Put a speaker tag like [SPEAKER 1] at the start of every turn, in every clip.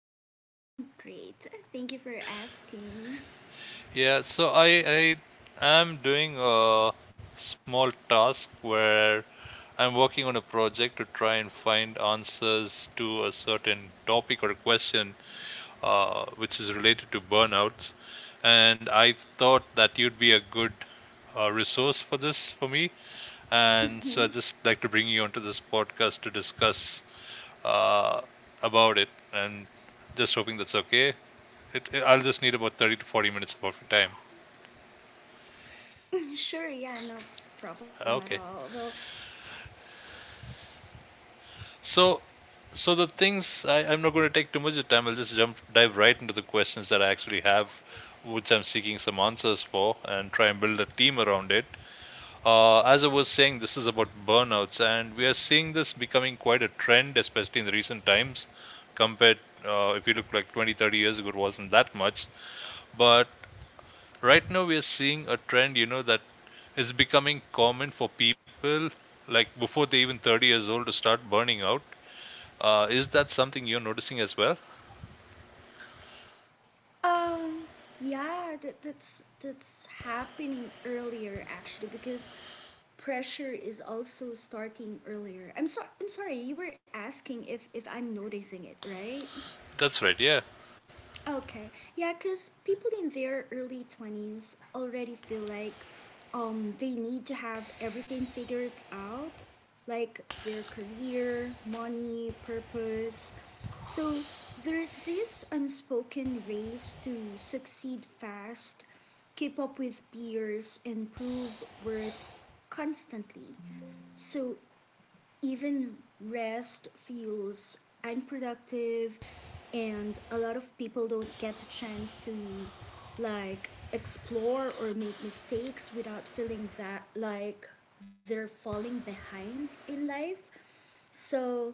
[SPEAKER 1] Hi, I'm great. Thank you for asking.
[SPEAKER 2] Yeah, so I am doing a small task where I'm working on a project to try and find answers to a certain topic or a question, which is related to burnouts. And I thought that you'd be a good, resource for this for me. And so I'd just like to bring you onto this podcast to discuss, uh, about it. And just hoping that's okay. I'll just need about 30 to 40 minutes of your time.
[SPEAKER 1] Sure, yeah, no problem at
[SPEAKER 2] Okay.
[SPEAKER 1] all. Well,
[SPEAKER 2] So, so, the things I'm not going to take too much of time. I'll just jump dive right into the questions that I actually have, which I'm seeking some answers for, and try and build a team around it. As I was saying, this is about burnouts, and we are seeing this becoming quite a trend, especially in the recent times. Compared, if you look like 20, 30 years ago, it wasn't that much. But right now, we are seeing a trend, you know, that is becoming common for people, like before they even 30 years old, to start burning out. Is that something you're noticing as well?
[SPEAKER 1] um, yeah, that's happening earlier actually because pressure is also starting earlier. I'm sorry, you were asking if I'm noticing it, right?
[SPEAKER 2] That's right, yeah.
[SPEAKER 1] Okay, yeah, because people in their early 20s already feel like they need to have everything figured out, like their career, money, purpose. So there's this unspoken race to succeed fast, keep up with peers, and prove worth constantly. So even rest feels unproductive, and a lot of people don't get the chance to like explore or make mistakes without feeling that like they're falling behind in life. So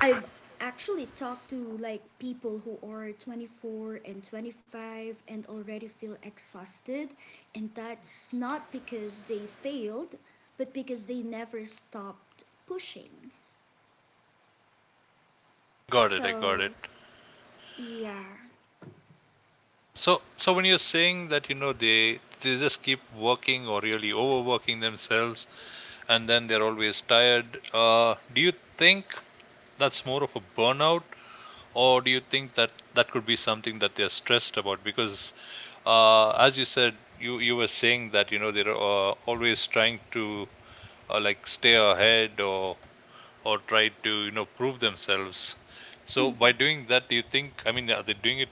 [SPEAKER 1] I've actually talked to like people who are 24 and 25 and already feel exhausted, and that's not because they failed, but because they never stopped pushing.
[SPEAKER 2] Got it, I got it.
[SPEAKER 1] So, yeah.
[SPEAKER 2] So, when you're saying that, you know, they just keep working or really overworking themselves and then they're always tired. Do you think that's more of a burnout, or do you think that that could be something that they're stressed about? Because, as you said, you were saying that you know they're, always trying to, like stay ahead or try to you know prove themselves. So by doing that, do you think? I mean, are they doing it?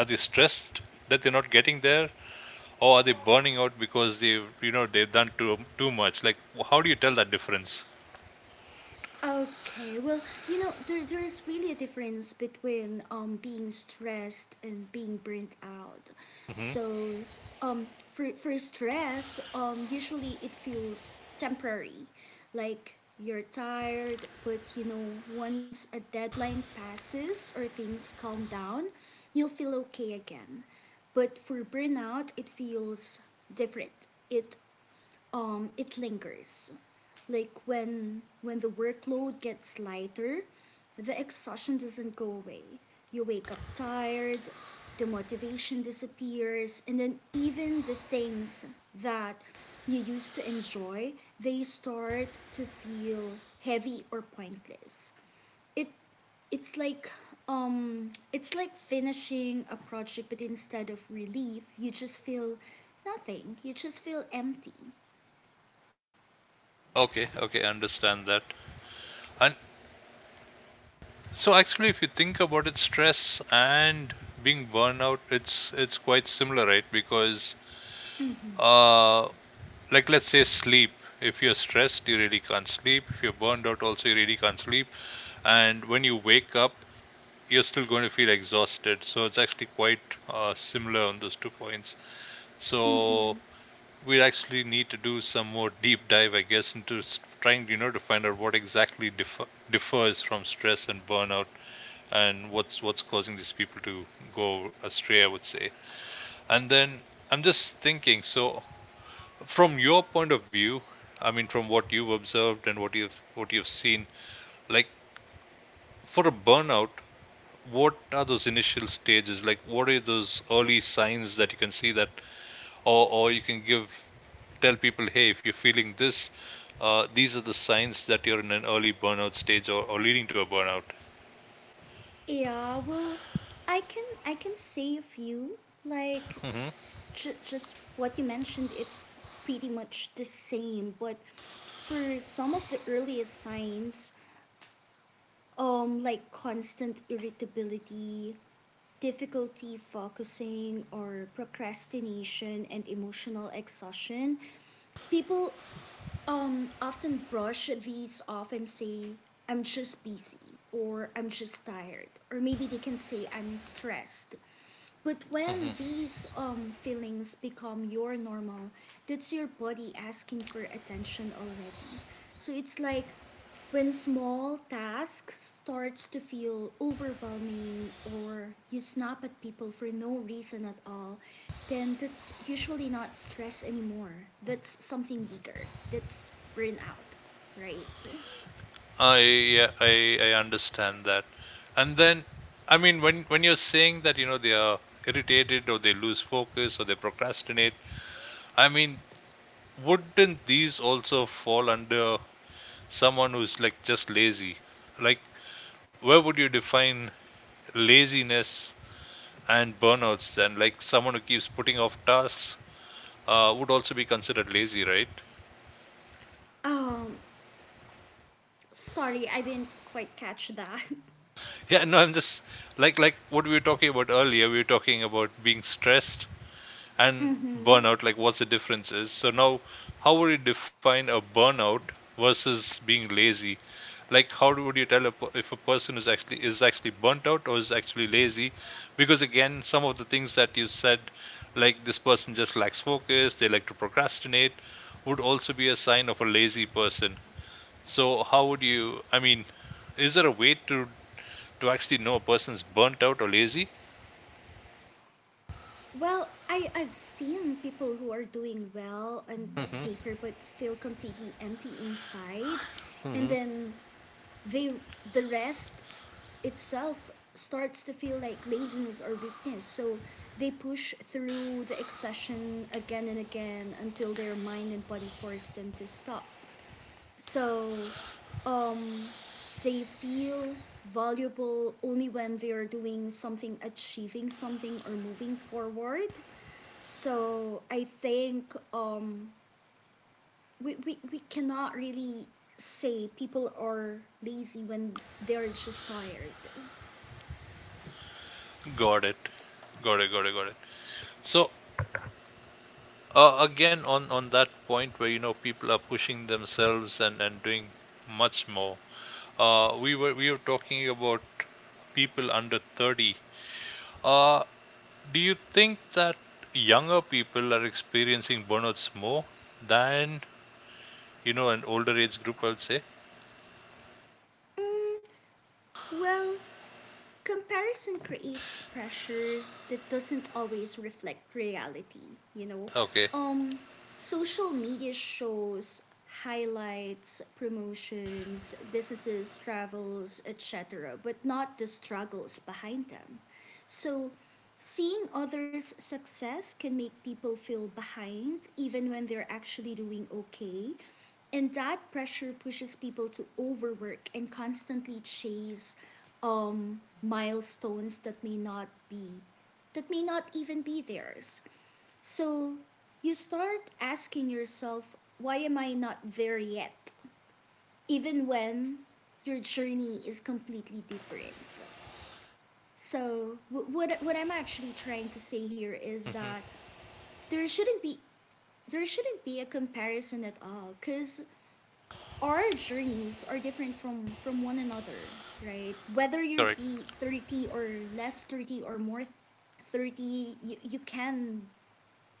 [SPEAKER 2] Are they stressed that they're not getting there, or are they burning out because they, you know, they've done too much? Like, how do you tell that difference?
[SPEAKER 1] Okay, well, you know, there is really a difference between being stressed and being burnt out.
[SPEAKER 2] Hmm.
[SPEAKER 1] So, for, for stress, usually it feels temporary. Like you're tired, but you know, once a deadline passes or things calm down, you'll feel okay again. But for burnout, it feels different. It it lingers. Like when the workload gets lighter, the exhaustion doesn't go away. You wake up tired, the motivation disappears, and then even the things that you used to enjoy, they start to feel heavy or pointless. It it's like it's like finishing a project, but instead of relief, you just feel nothing. You just feel empty.
[SPEAKER 2] Okay, okay, I understand that. And so actually if you think about it, stress and being burned out, it's quite similar, right? Because uh like let's say sleep. If you're stressed, you really can't sleep. If you're burned out also you really can't sleep. And when you wake up, you're still going to feel exhausted. So it's actually quite, similar on those two points.
[SPEAKER 1] Mm-hmm.
[SPEAKER 2] So we actually need to do some more deep dive, I guess, into trying, you know, to find out what exactly differs from stress and burnout, and what's causing these people to go astray. I would say. And then I'm just thinking. So from your point of view, I mean, from what you've observed and what you've seen, like for a burnout, what are those initial stages? Like, what are those early signs that you can see that or you can give tell people, hey, if you're feeling this, these are the signs that you're in an early burnout stage, or leading to a burnout.
[SPEAKER 1] Yeah, well, I can say a few like
[SPEAKER 2] hmm
[SPEAKER 1] just what you mentioned. It's pretty much the same, but for some of the earliest signs, like constant irritability, difficulty focusing, or procrastination and emotional exhaustion, people often brush these off and say, I'm just busy, or I'm just tired, or maybe they can say, I'm stressed. But
[SPEAKER 2] hmm.
[SPEAKER 1] when these feelings become your normal, that's your body asking for attention already. So it's like when small tasks starts to feel overwhelming or you snap at people for no reason at all, then that's usually not stress anymore. That's something bigger. That's burnout, right?
[SPEAKER 2] I yeah, I understand that. And then, I mean, when you're saying that, you know, they are irritated or they lose focus or they procrastinate, I mean, wouldn't these also fall under someone who's like just lazy? Like, where would you define laziness and burnouts then like someone who keeps putting off tasks, would also be considered lazy, right?
[SPEAKER 1] Um, sorry, I didn't quite catch that.
[SPEAKER 2] Yeah, no, I'm just like what we were talking about earlier, we were talking about being stressed and
[SPEAKER 1] Mm-hmm.
[SPEAKER 2] burnout, like what's the difference is. So now how would you define a burnout versus being lazy, like would you tell a, if a person is actually burnt out or is actually lazy, because again some of the things that you said, like this person just lacks focus, they like to procrastinate, would also be a sign of a lazy person. So how would you, I mean, is there a way to actually know a person's burnt out or lazy?
[SPEAKER 1] Well, I've seen people who are doing well on
[SPEAKER 2] hmm
[SPEAKER 1] paper but feel completely empty inside, and
[SPEAKER 2] hmm
[SPEAKER 1] then they the rest itself starts to feel like laziness or weakness. So they push through the exertion again and again until their mind and body force them to stop. So um, they feel valuable only when they are doing something, achieving something, or moving forward. So I think we cannot really say people are lazy when they're just tired.
[SPEAKER 2] Got it. Got it, got it. So, again, on that point where you know people are pushing themselves and doing much more, we were talking about people under 30. Uh, do you think that younger people are experiencing burnouts more than you know an older age group? I would say.
[SPEAKER 1] Mm, Well, comparison creates pressure that doesn't always reflect reality, you know.
[SPEAKER 2] Okay.
[SPEAKER 1] Um social media shows highlights, promotions, businesses, travels, etc., but not the struggles behind them. So, seeing others' success can make people feel behind even when they're actually doing okay, and that pressure pushes people to overwork and constantly chase milestones that may not be that may not even be theirs. So you start asking yourself, why am I not there yet, even when your journey is completely different? So what I'm actually trying to say here is
[SPEAKER 2] Hmm.
[SPEAKER 1] that there shouldn't be there shouldn't be a comparison at all, because our journeys are different from one another, right? Whether you
[SPEAKER 2] Correct.
[SPEAKER 1] be 30, or less 30, or more 30, you can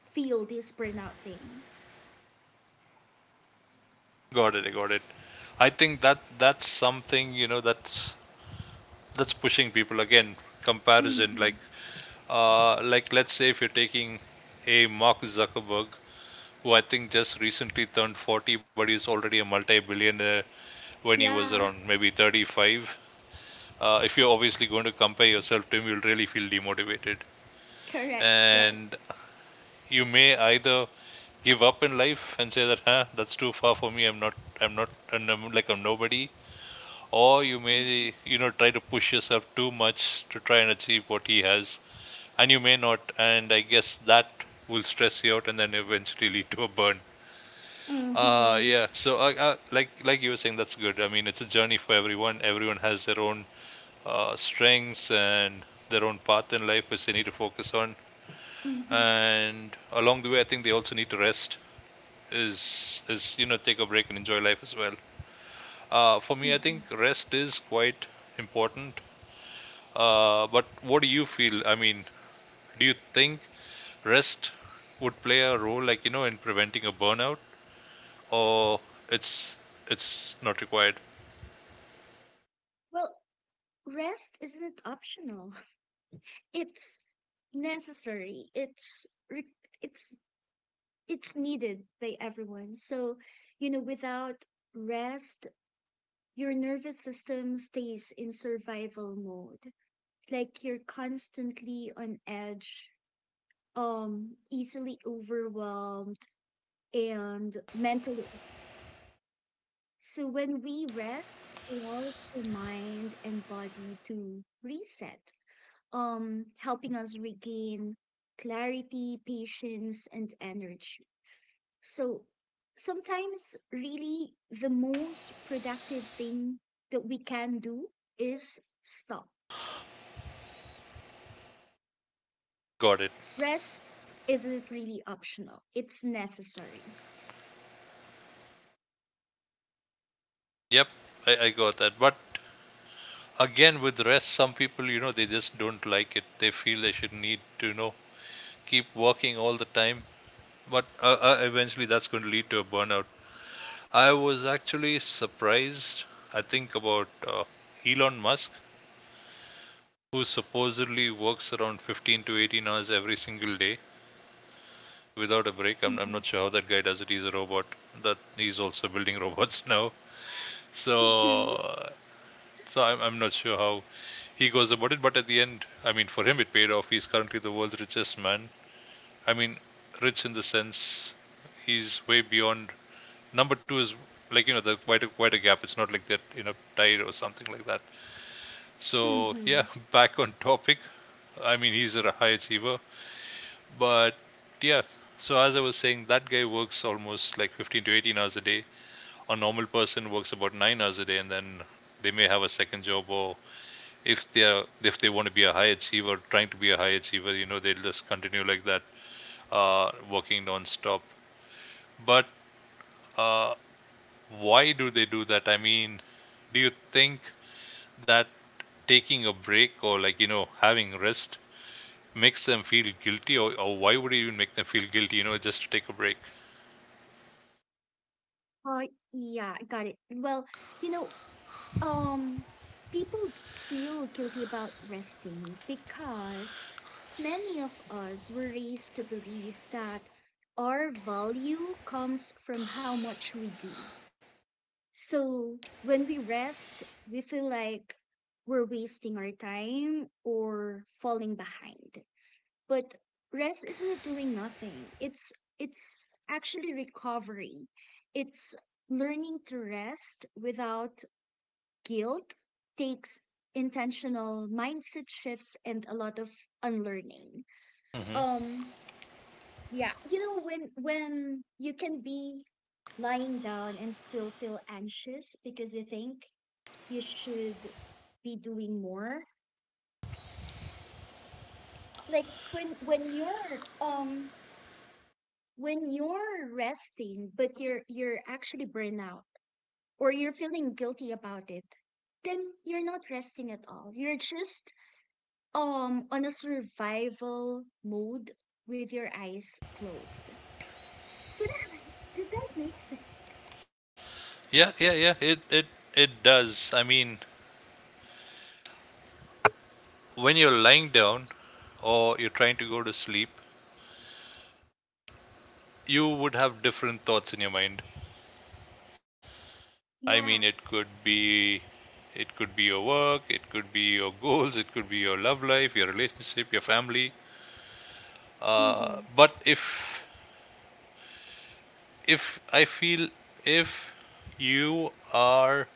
[SPEAKER 1] feel this burnout thing.
[SPEAKER 2] Got it. I got it. I think that that's something you know that's pushing people again. Comparison, like, like, let's say if you're taking a Mark Zuckerberg, who I think just recently turned 40, but he's already a multi billionaire when he was
[SPEAKER 1] Yeah.
[SPEAKER 2] around maybe 35. If you're obviously going to compare yourself to him, you'll really feel demotivated.
[SPEAKER 1] Correct, yes.
[SPEAKER 2] And you may either give up in life and say that, huh, that's too far for me. I'm not, and I'm like, I'm nobody, or you may you know try to push yourself too much to try and achieve what he has, and you may not, and I guess that will stress you out and then eventually lead to a burn.
[SPEAKER 1] Mm-hmm.
[SPEAKER 2] Yeah, so, like you were saying, that's good. I mean, it's a journey for everyone, everyone has their own, strengths and their own path in life which they need to focus on,
[SPEAKER 1] Mm-hmm.
[SPEAKER 2] and along the way I think they also need to rest, is you know take a break and enjoy life as well. For me, I think rest is quite important. But what do you feel? I mean, do you think rest would play a role, like you know, in preventing a burnout, or it's it's not required?
[SPEAKER 1] Well, rest isn't optional. It's necessary. It's it's needed by everyone. So, you know, without rest, your nervous system stays in survival mode. Like you're constantly on edge, easily overwhelmed and mentally. So when we rest, it allows our mind and body to reset, helping us regain clarity, patience, and energy. So sometimes, really, the most productive thing that we can do is stop.
[SPEAKER 2] Got it.
[SPEAKER 1] Rest isn't really optional, it's necessary.
[SPEAKER 2] Yep, I got that. But again, with rest, some people, you know, they just don't like it. They feel they should need to, you know, keep working all the time. But, eventually, that's going to lead to a burnout. I was actually surprised. I think about, Elon Musk, who supposedly works around 15 to 18 hours every single day without a break. I'm
[SPEAKER 1] Mm-hmm.
[SPEAKER 2] not sure how that guy does it. He's a robot. That he's also building robots now.
[SPEAKER 1] Mm-hmm.
[SPEAKER 2] So so I'm not sure how he goes about it. But at the end, I mean, for him it paid off. He's currently the world's richest man. I mean, rich in the sense he's way beyond. Number two is like you know the quite a, quite a gap. It's not like they're in a tie or something like that. So
[SPEAKER 1] Mm-hmm.
[SPEAKER 2] yeah, back on topic. I mean, he's a high achiever. But yeah, so as I was saying, that guy works almost like 15 to 18 hours a day. A normal person works about 9 hours a day and then they may have a second job, or if they want to be a high achiever, trying to be a high achiever, you know they'll just continue like that, working non-stop. But, uh why do they do that? I mean, do you think that taking a break or like you know having rest makes them feel guilty, or why would you even make them feel guilty, you know, just to take a break?
[SPEAKER 1] Oh, yeah, got it. Well, you know, Um, people feel guilty about resting because many of us were raised to believe that our value comes from how much we do. So when we rest, we feel like we're wasting our time or falling behind. But rest isn't doing nothing. It's actually recovery. It's learning to rest without guilt, takes intentional mindset shifts and a lot of unlearning.
[SPEAKER 2] Hmm.
[SPEAKER 1] Um, yeah, you know, when you can be lying down and still feel anxious because you think you should be doing more. Like when when you're um when you're resting, but you're actually burnout, or you're feeling guilty about it, then you're not resting at all. You're just on a survival mode with your eyes closed. Did that, did that make sense?
[SPEAKER 2] Yeah, yeah, yeah. It it does. I mean, when you're lying down or you're trying to go to sleep, you would have different thoughts in your mind. I mean,
[SPEAKER 1] Yes.
[SPEAKER 2] it could be your work, it could be your goals, it could be your love life, your relationship, your family.
[SPEAKER 1] Mm-hmm.
[SPEAKER 2] But if I feel if you are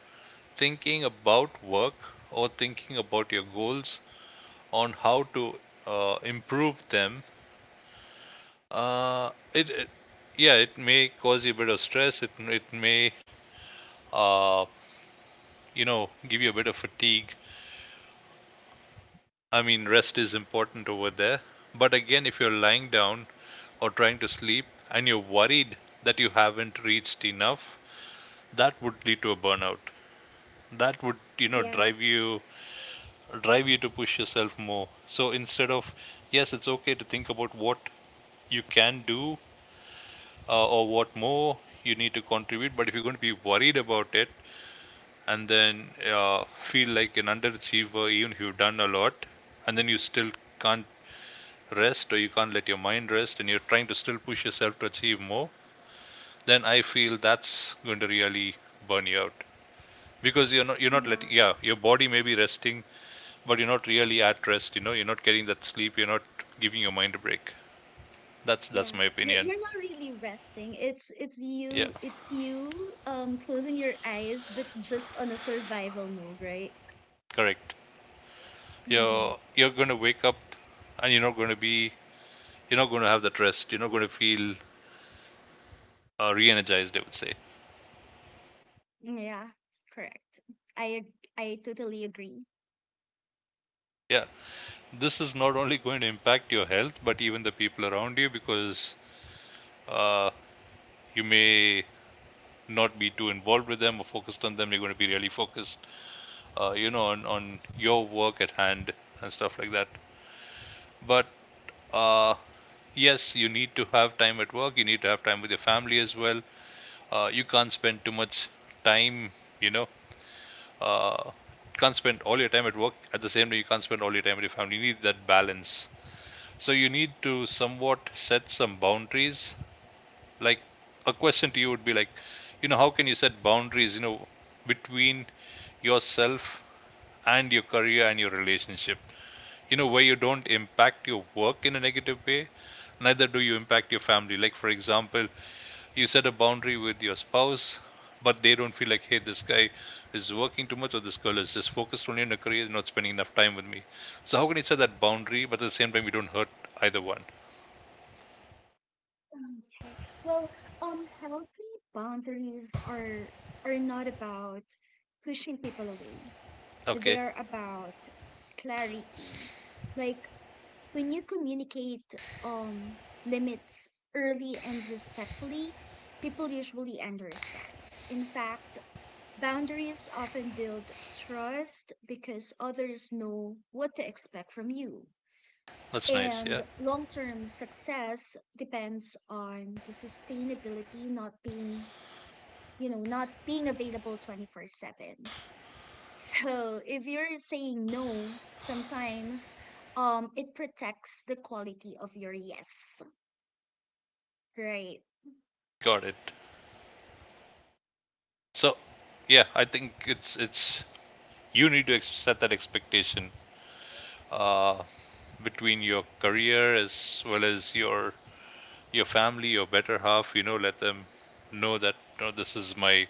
[SPEAKER 2] thinking about work or thinking about your goals on how to, improve them. Uh, it, it, yeah, it may cause you a bit of stress. It may, uh, you know, give you a bit of fatigue. I mean, rest is important over there. But again, if you're lying down or trying to sleep and you're worried that you haven't reached enough, that would lead to a burnout. That would, you know,
[SPEAKER 1] Yeah.
[SPEAKER 2] drive you to push yourself more. So instead of, yes, it's okay to think about what you can do, or what more you need to contribute. But if you're going to be worried about it and then, feel like an underachiever, even if you've done a lot, and then you still can't rest, or you can't let your mind rest and you're trying to still push yourself to achieve more, then I feel that's going to really burn you out. Because you're not
[SPEAKER 1] Yeah.
[SPEAKER 2] letting, yeah, your body may be resting, but you're not really at rest, you know, you're not getting that sleep, you're not giving your mind a break. That's
[SPEAKER 1] Yeah.
[SPEAKER 2] my
[SPEAKER 1] You're
[SPEAKER 2] opinion.
[SPEAKER 1] you're not really resting. It's it's
[SPEAKER 2] Yeah,
[SPEAKER 1] you it's you um closing your eyes, but just on a survival mode, right?
[SPEAKER 2] correct.
[SPEAKER 1] Mm-hmm.
[SPEAKER 2] You're going to wake up and you're not going to be, you're not going to have that rest, you're not going to feel re-energized, I would say.
[SPEAKER 1] Yeah. Correct. I totally agree.
[SPEAKER 2] Yeah, this is not only going to impact your health, but even the people around you, because uh, you may not be too involved with them or focused on them. You're going to be really focused, you know, on your work at hand and stuff like that. But uh, yes, you need to have time at work, you need to have time with your family as well. Uh, you can't spend too much time, you know you can't spend all your time at work. At the same time, you can't spend all your time with your family. You need that balance. So you need to somewhat set some boundaries. Like, a question to you would be like, you know, how can you set boundaries, you know, between yourself and your career and your relationship, you know, where you don't impact your work in a negative way, neither do you impact your family? Like, for example, you set a boundary with your spouse, but they don't feel like, hey, this guy is working too much, or this girl is just focused only on her career and not spending enough time with me. So how can you set that boundary, but at the same time you don't hurt either one?
[SPEAKER 1] Okay. Well, healthy boundaries are not about pushing people away.
[SPEAKER 2] Okay,
[SPEAKER 1] They're about clarity. Like when you communicate um limits early and respectfully, people usually understand. In fact, boundaries often build trust because others know what to expect from you.
[SPEAKER 2] that's nice.
[SPEAKER 1] And
[SPEAKER 2] Yeah,
[SPEAKER 1] long term success depends on the sustainability, not being, you know, not being available 24/7. So if you're saying no, sometimes it protects the quality of your yes, right?
[SPEAKER 2] got it. So, yeah, I think it's you need to set that expectation, uh, between your career as well as your family, your better half. You know, let them know that no, this is my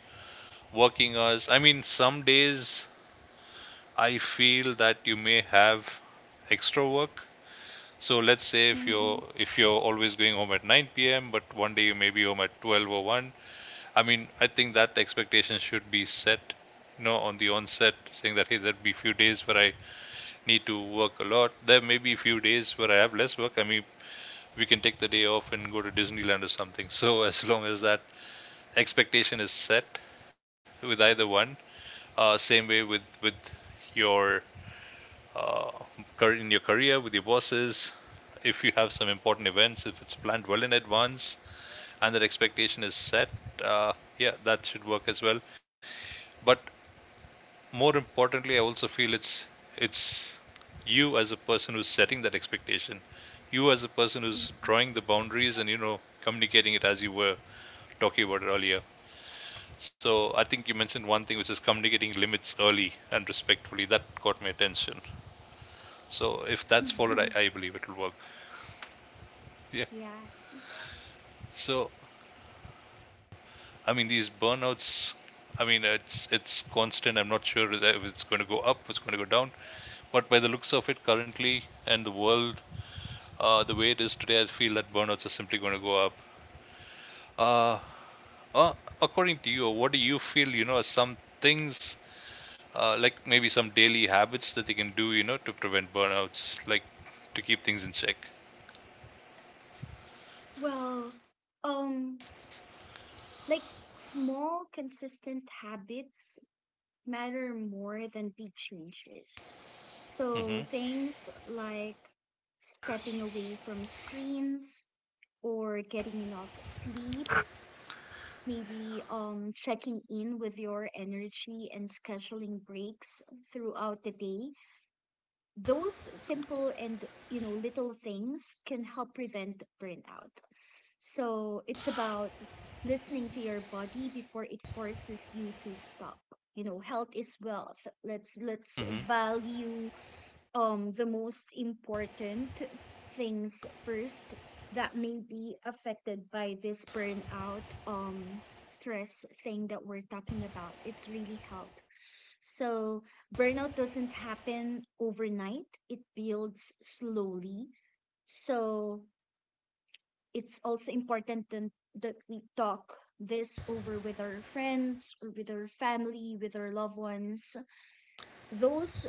[SPEAKER 2] working hours. I mean, some days I feel that you may have extra work. So let's say if
[SPEAKER 1] Mm-hmm.
[SPEAKER 2] you're always going home at 9 p.m., but one day you may be home at 12 or 1. I mean, I think that expectation should be set, you know, on the onset, saying that hey, there'll be few days where I need to work a lot. There may be few days where I have less work. I mean, we can take the day off and go to Disneyland or something. So as long as that expectation is set with either one, same way with your uh, in your career with your bosses, if you have some important events, if it's planned well in advance and that expectation is set, uh, yeah, that should work as well. But more importantly, I also feel it's you as a person who's setting that expectation, you as a person who's drawing the boundaries, and you know, communicating it, as you were talking about it earlier. So I think you mentioned one thing, which is communicating limits early and respectfully. That caught my attention. So if that's followed, I,
[SPEAKER 1] Mm-hmm.
[SPEAKER 2] I believe it will work. Yeah.
[SPEAKER 1] Yes.
[SPEAKER 2] So I mean, these burnouts. I mean, it's constant. I'm not sure if it's going to go up, it's going to go down. But by the looks of it, currently and the world, the way it is today, I feel that burnouts are simply going to go up. Uh, uh, According to you, what do you feel? You know, are some things, like maybe some daily habits that they can do, you know, to prevent burnouts, like to keep things in check?
[SPEAKER 1] Well, um like small consistent habits matter more than big changes. So
[SPEAKER 2] Mm-hmm.
[SPEAKER 1] things like stepping away from screens, or getting enough sleep, maybe checking in with your energy and scheduling breaks throughout the day, those simple, and you know, little things can help prevent burnout. So it's about listening to your body before it forces you to stop. You know, health is wealth. Let's
[SPEAKER 2] Mm-hmm.
[SPEAKER 1] value the most important things first that may be affected by this burnout stress thing that we're talking about. It's really health. So burnout doesn't happen overnight, it builds slowly. So it's also important that that we talk this over with our friends, or with our family, with our loved ones. Those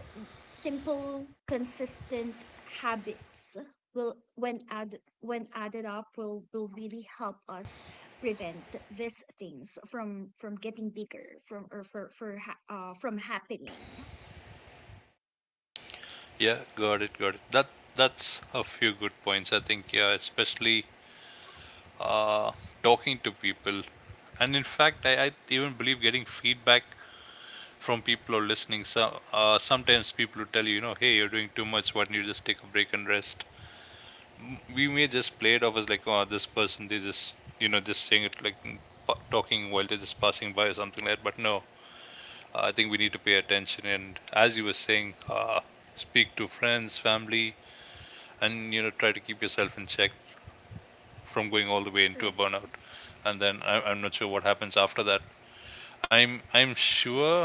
[SPEAKER 1] simple, consistent habits will, when add, when added up, will really help us prevent these things from getting bigger, from or for from happening.
[SPEAKER 2] Yeah, got it, got it. That that's a few good points. I think yeah, especially uh, talking to people, and in fact, I even believe getting feedback from people or listening. So sometimes people who tell you, you know, hey, you're doing too much. Why don't you just take a break and rest? We may just play it off as like, oh, this person they just, you know, just saying it like talking while they're just passing by or something like that. But no, I think we need to pay attention, and as you were saying, speak to friends, family, and you know, try to keep yourself in check from going all the way into a
[SPEAKER 1] Correct.
[SPEAKER 2] burnout. And then I'm not sure what happens after that. I'm
[SPEAKER 1] Yeah.
[SPEAKER 2] sure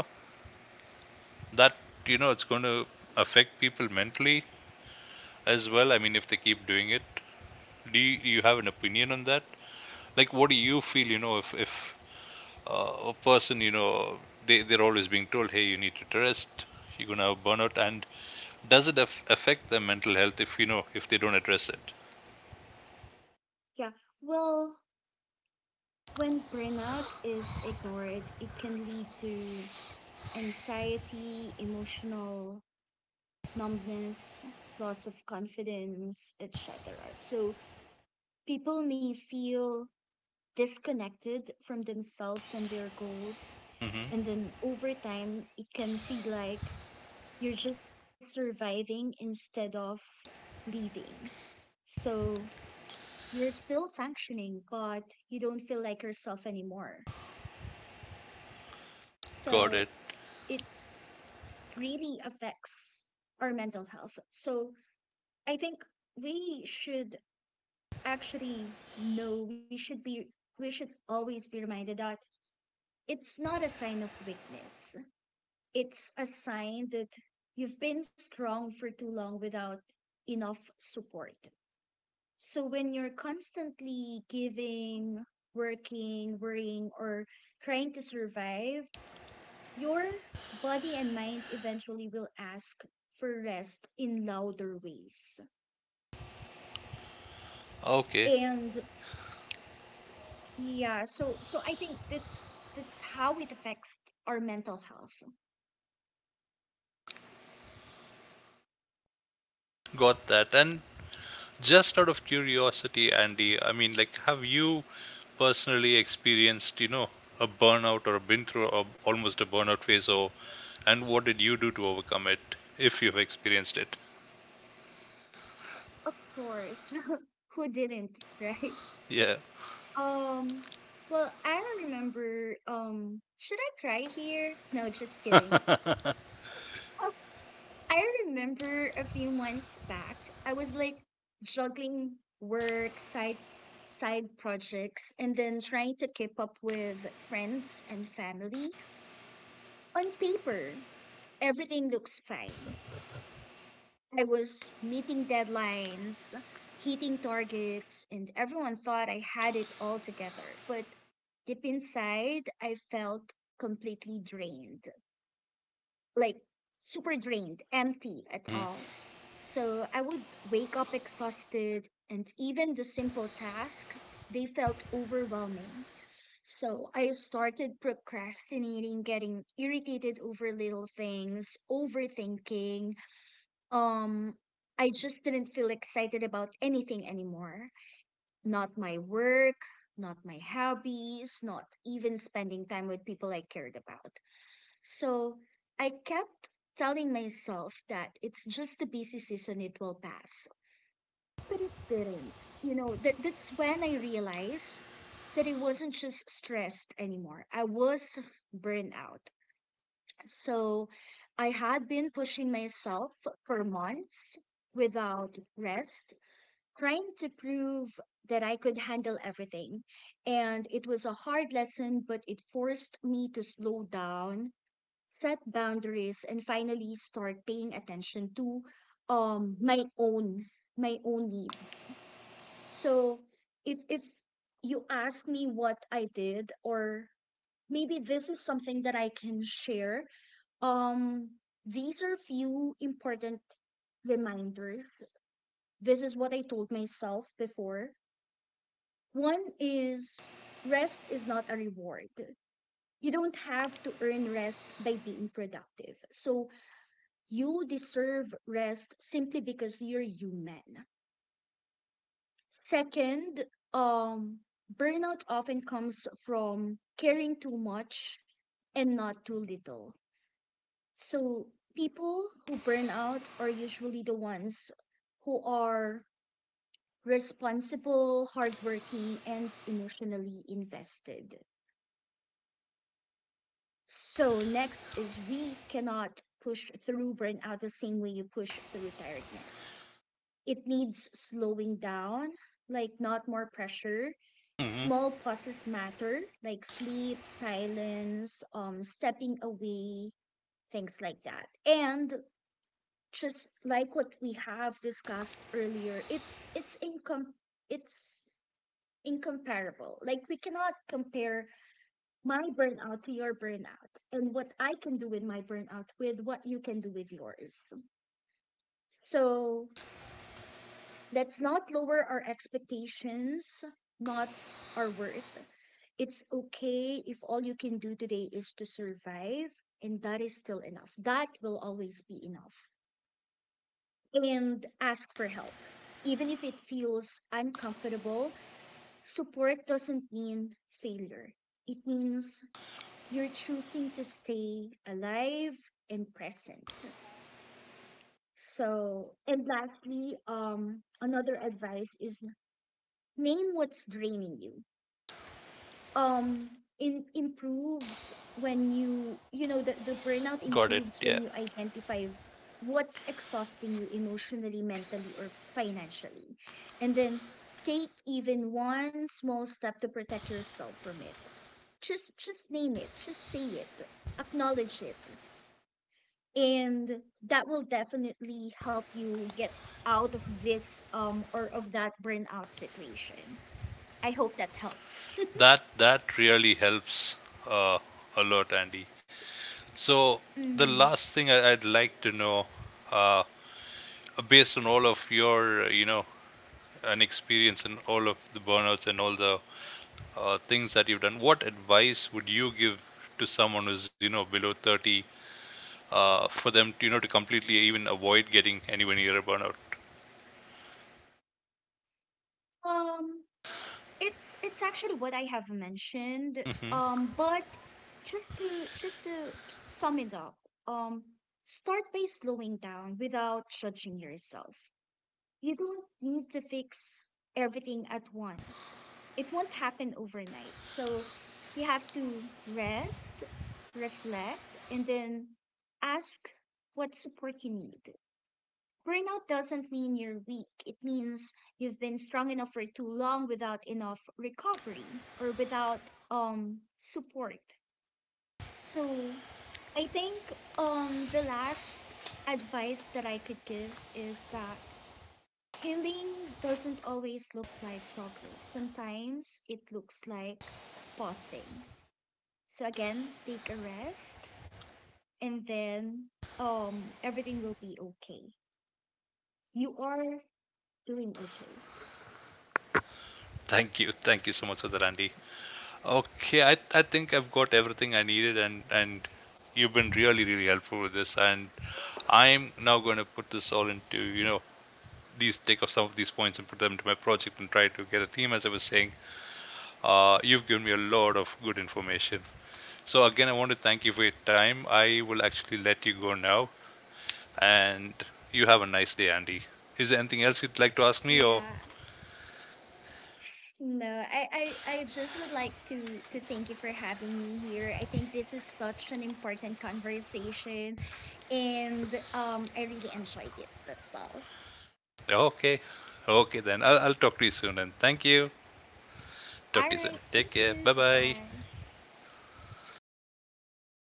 [SPEAKER 2] that you know it's going to affect people mentally as well. I mean, if they keep doing it, do you have an opinion on that? Like, what do you feel? You know, if a person, you know, they're always being told, hey, you need to rest, you're going to have burnout, and does it affect their mental health if, you know, if they don't address it?
[SPEAKER 1] Yeah. Well, when burnout is ignored, it can lead to anxiety, emotional numbness, loss of confidence, etc. So people may feel disconnected from themselves and their goals.
[SPEAKER 2] Hmm.
[SPEAKER 1] And then over time, it can feel like you're just surviving instead of living. So you're still functioning, but you don't feel like yourself anymore. So
[SPEAKER 2] Got it.
[SPEAKER 1] it really affects our mental health. So I think we should actually know, we should be, we should always be reminded that it's not a sign of weakness. It's a sign that you've been strong for too long without enough support. So when you're constantly giving, working, worrying, or trying to survive, your body and mind eventually will ask for rest in louder ways.
[SPEAKER 2] Okay,
[SPEAKER 1] And yeah, so so I think that's how it affects our mental health.
[SPEAKER 2] got that. And just out of curiosity, Andy, I mean, like, have you personally experienced, you know, a burnout or been through a, almost a burnout phase, or and what did you do to overcome it, if you've experienced it?
[SPEAKER 1] Of course, who didn't, right?
[SPEAKER 2] Yeah.
[SPEAKER 1] Um, well, I don't remember. Should I cry here? No, just kidding. So, I remember a few months back, I was like juggling work, side projects, and then trying to keep up with friends and family. On paper, everything looks fine. I was meeting deadlines, hitting targets, and everyone thought I had it all together. But deep inside, I felt completely drained, like super drained, empty at
[SPEAKER 2] Mhm.
[SPEAKER 1] all. So I would wake up exhausted, and even the simple task, they felt overwhelming. So I started procrastinating, getting irritated over little things, overthinking, um, I just didn't feel excited about anything anymore. Not my work, not my hobbies, not even spending time with people I cared about. So I kept telling myself that it's just a busy season, it will pass. But it didn't. You know, that that's when I realized that it wasn't just stressed anymore. I was burned out. So I had been pushing myself for months without rest, trying to prove that I could handle everything. And it was a hard lesson, but it forced me to slow down, set boundaries, and finally start paying attention to um my own my own needs. So if you ask me what I did, or maybe this is something that I can share. Um, these are few important reminders. This is what I told myself before. One is, rest is not a reward. You don't have to earn rest by being productive. So you deserve rest simply because you're human. Second, um, burnout often comes from caring too much and not too little. So people who burn out are usually the ones who are responsible, hardworking, and emotionally invested. So next is, we cannot push through burnout the same way you push through tiredness. It needs slowing down, like not more pressure.
[SPEAKER 2] Mm-hmm.
[SPEAKER 1] Small pauses matter, like sleep, silence, stepping away, things like that. And just like what we have discussed earlier, it's incomparable. Like we cannot compare my burnout to your burnout, and what I can do with my burnout with what you can do with yours. So let's not lower our expectations, not our worth. It's okay if all you can do today is to survive, and that is still enough, that will always be enough. And ask for help. Even if it feels uncomfortable, support doesn't mean failure. It means you're choosing to stay alive and present. So, and lastly, another advice is, name what's draining you. um improves when you know the burnout
[SPEAKER 2] Got it.
[SPEAKER 1] improves
[SPEAKER 2] Yeah.
[SPEAKER 1] when you identify what's exhausting you emotionally, mentally, or financially, and then take even one small step to protect yourself from it. Just name it, just say it, acknowledge it, and that will definitely help you get out of this or of that burnout situation. I hope that helps.
[SPEAKER 2] That that really helps, uh, a lot, Andy. So the
[SPEAKER 1] Hmm.
[SPEAKER 2] last thing I'd like to know, uh, based on all of your, you know, an experience in all of the burnouts and all the things that you've done, what advice would you give to someone who's you know below 30, for them to, you know, to completely even avoid getting anywhere near a burnout?
[SPEAKER 1] um it's actually what I have mentioned.
[SPEAKER 2] Hmm.
[SPEAKER 1] But just to sum it up, um, start by slowing down without judging yourself. You don't need to fix everything at once. It won't happen overnight. So you have to rest, reflect, and then ask what support you need. Burnout doesn't mean you're weak. It means you've been strong enough for too long without enough recovery, or without support. So I think the last advice that I could give is that healing doesn't always look like progress. Sometimes it looks like pausing. So again, take a rest, and then everything will be okay. You are doing okay.
[SPEAKER 2] Thank you so much for that, Andy. Okay, I think I've got everything I needed, and you've been really really helpful with this, and I'm now going to put this all into, you know, these take off some of these points and put them into my project and try to get a theme as I was saying. You've given me a lot of good information. So again, I want to thank you for your time. I will actually let you go now, and you have a nice day, Andy. Is there anything else you'd like to ask me? Or
[SPEAKER 1] Yeah. No, I just would like to thank you for having me here. I think this is such an important conversation, and I really enjoyed it. That's all.
[SPEAKER 2] okay, okay then. I'll talk to you soon. And thank you. Talk
[SPEAKER 1] All
[SPEAKER 2] to you soon.
[SPEAKER 1] right.
[SPEAKER 2] Take
[SPEAKER 1] Thank
[SPEAKER 2] care.
[SPEAKER 1] you.
[SPEAKER 2] Bye bye.
[SPEAKER 1] Goodbye.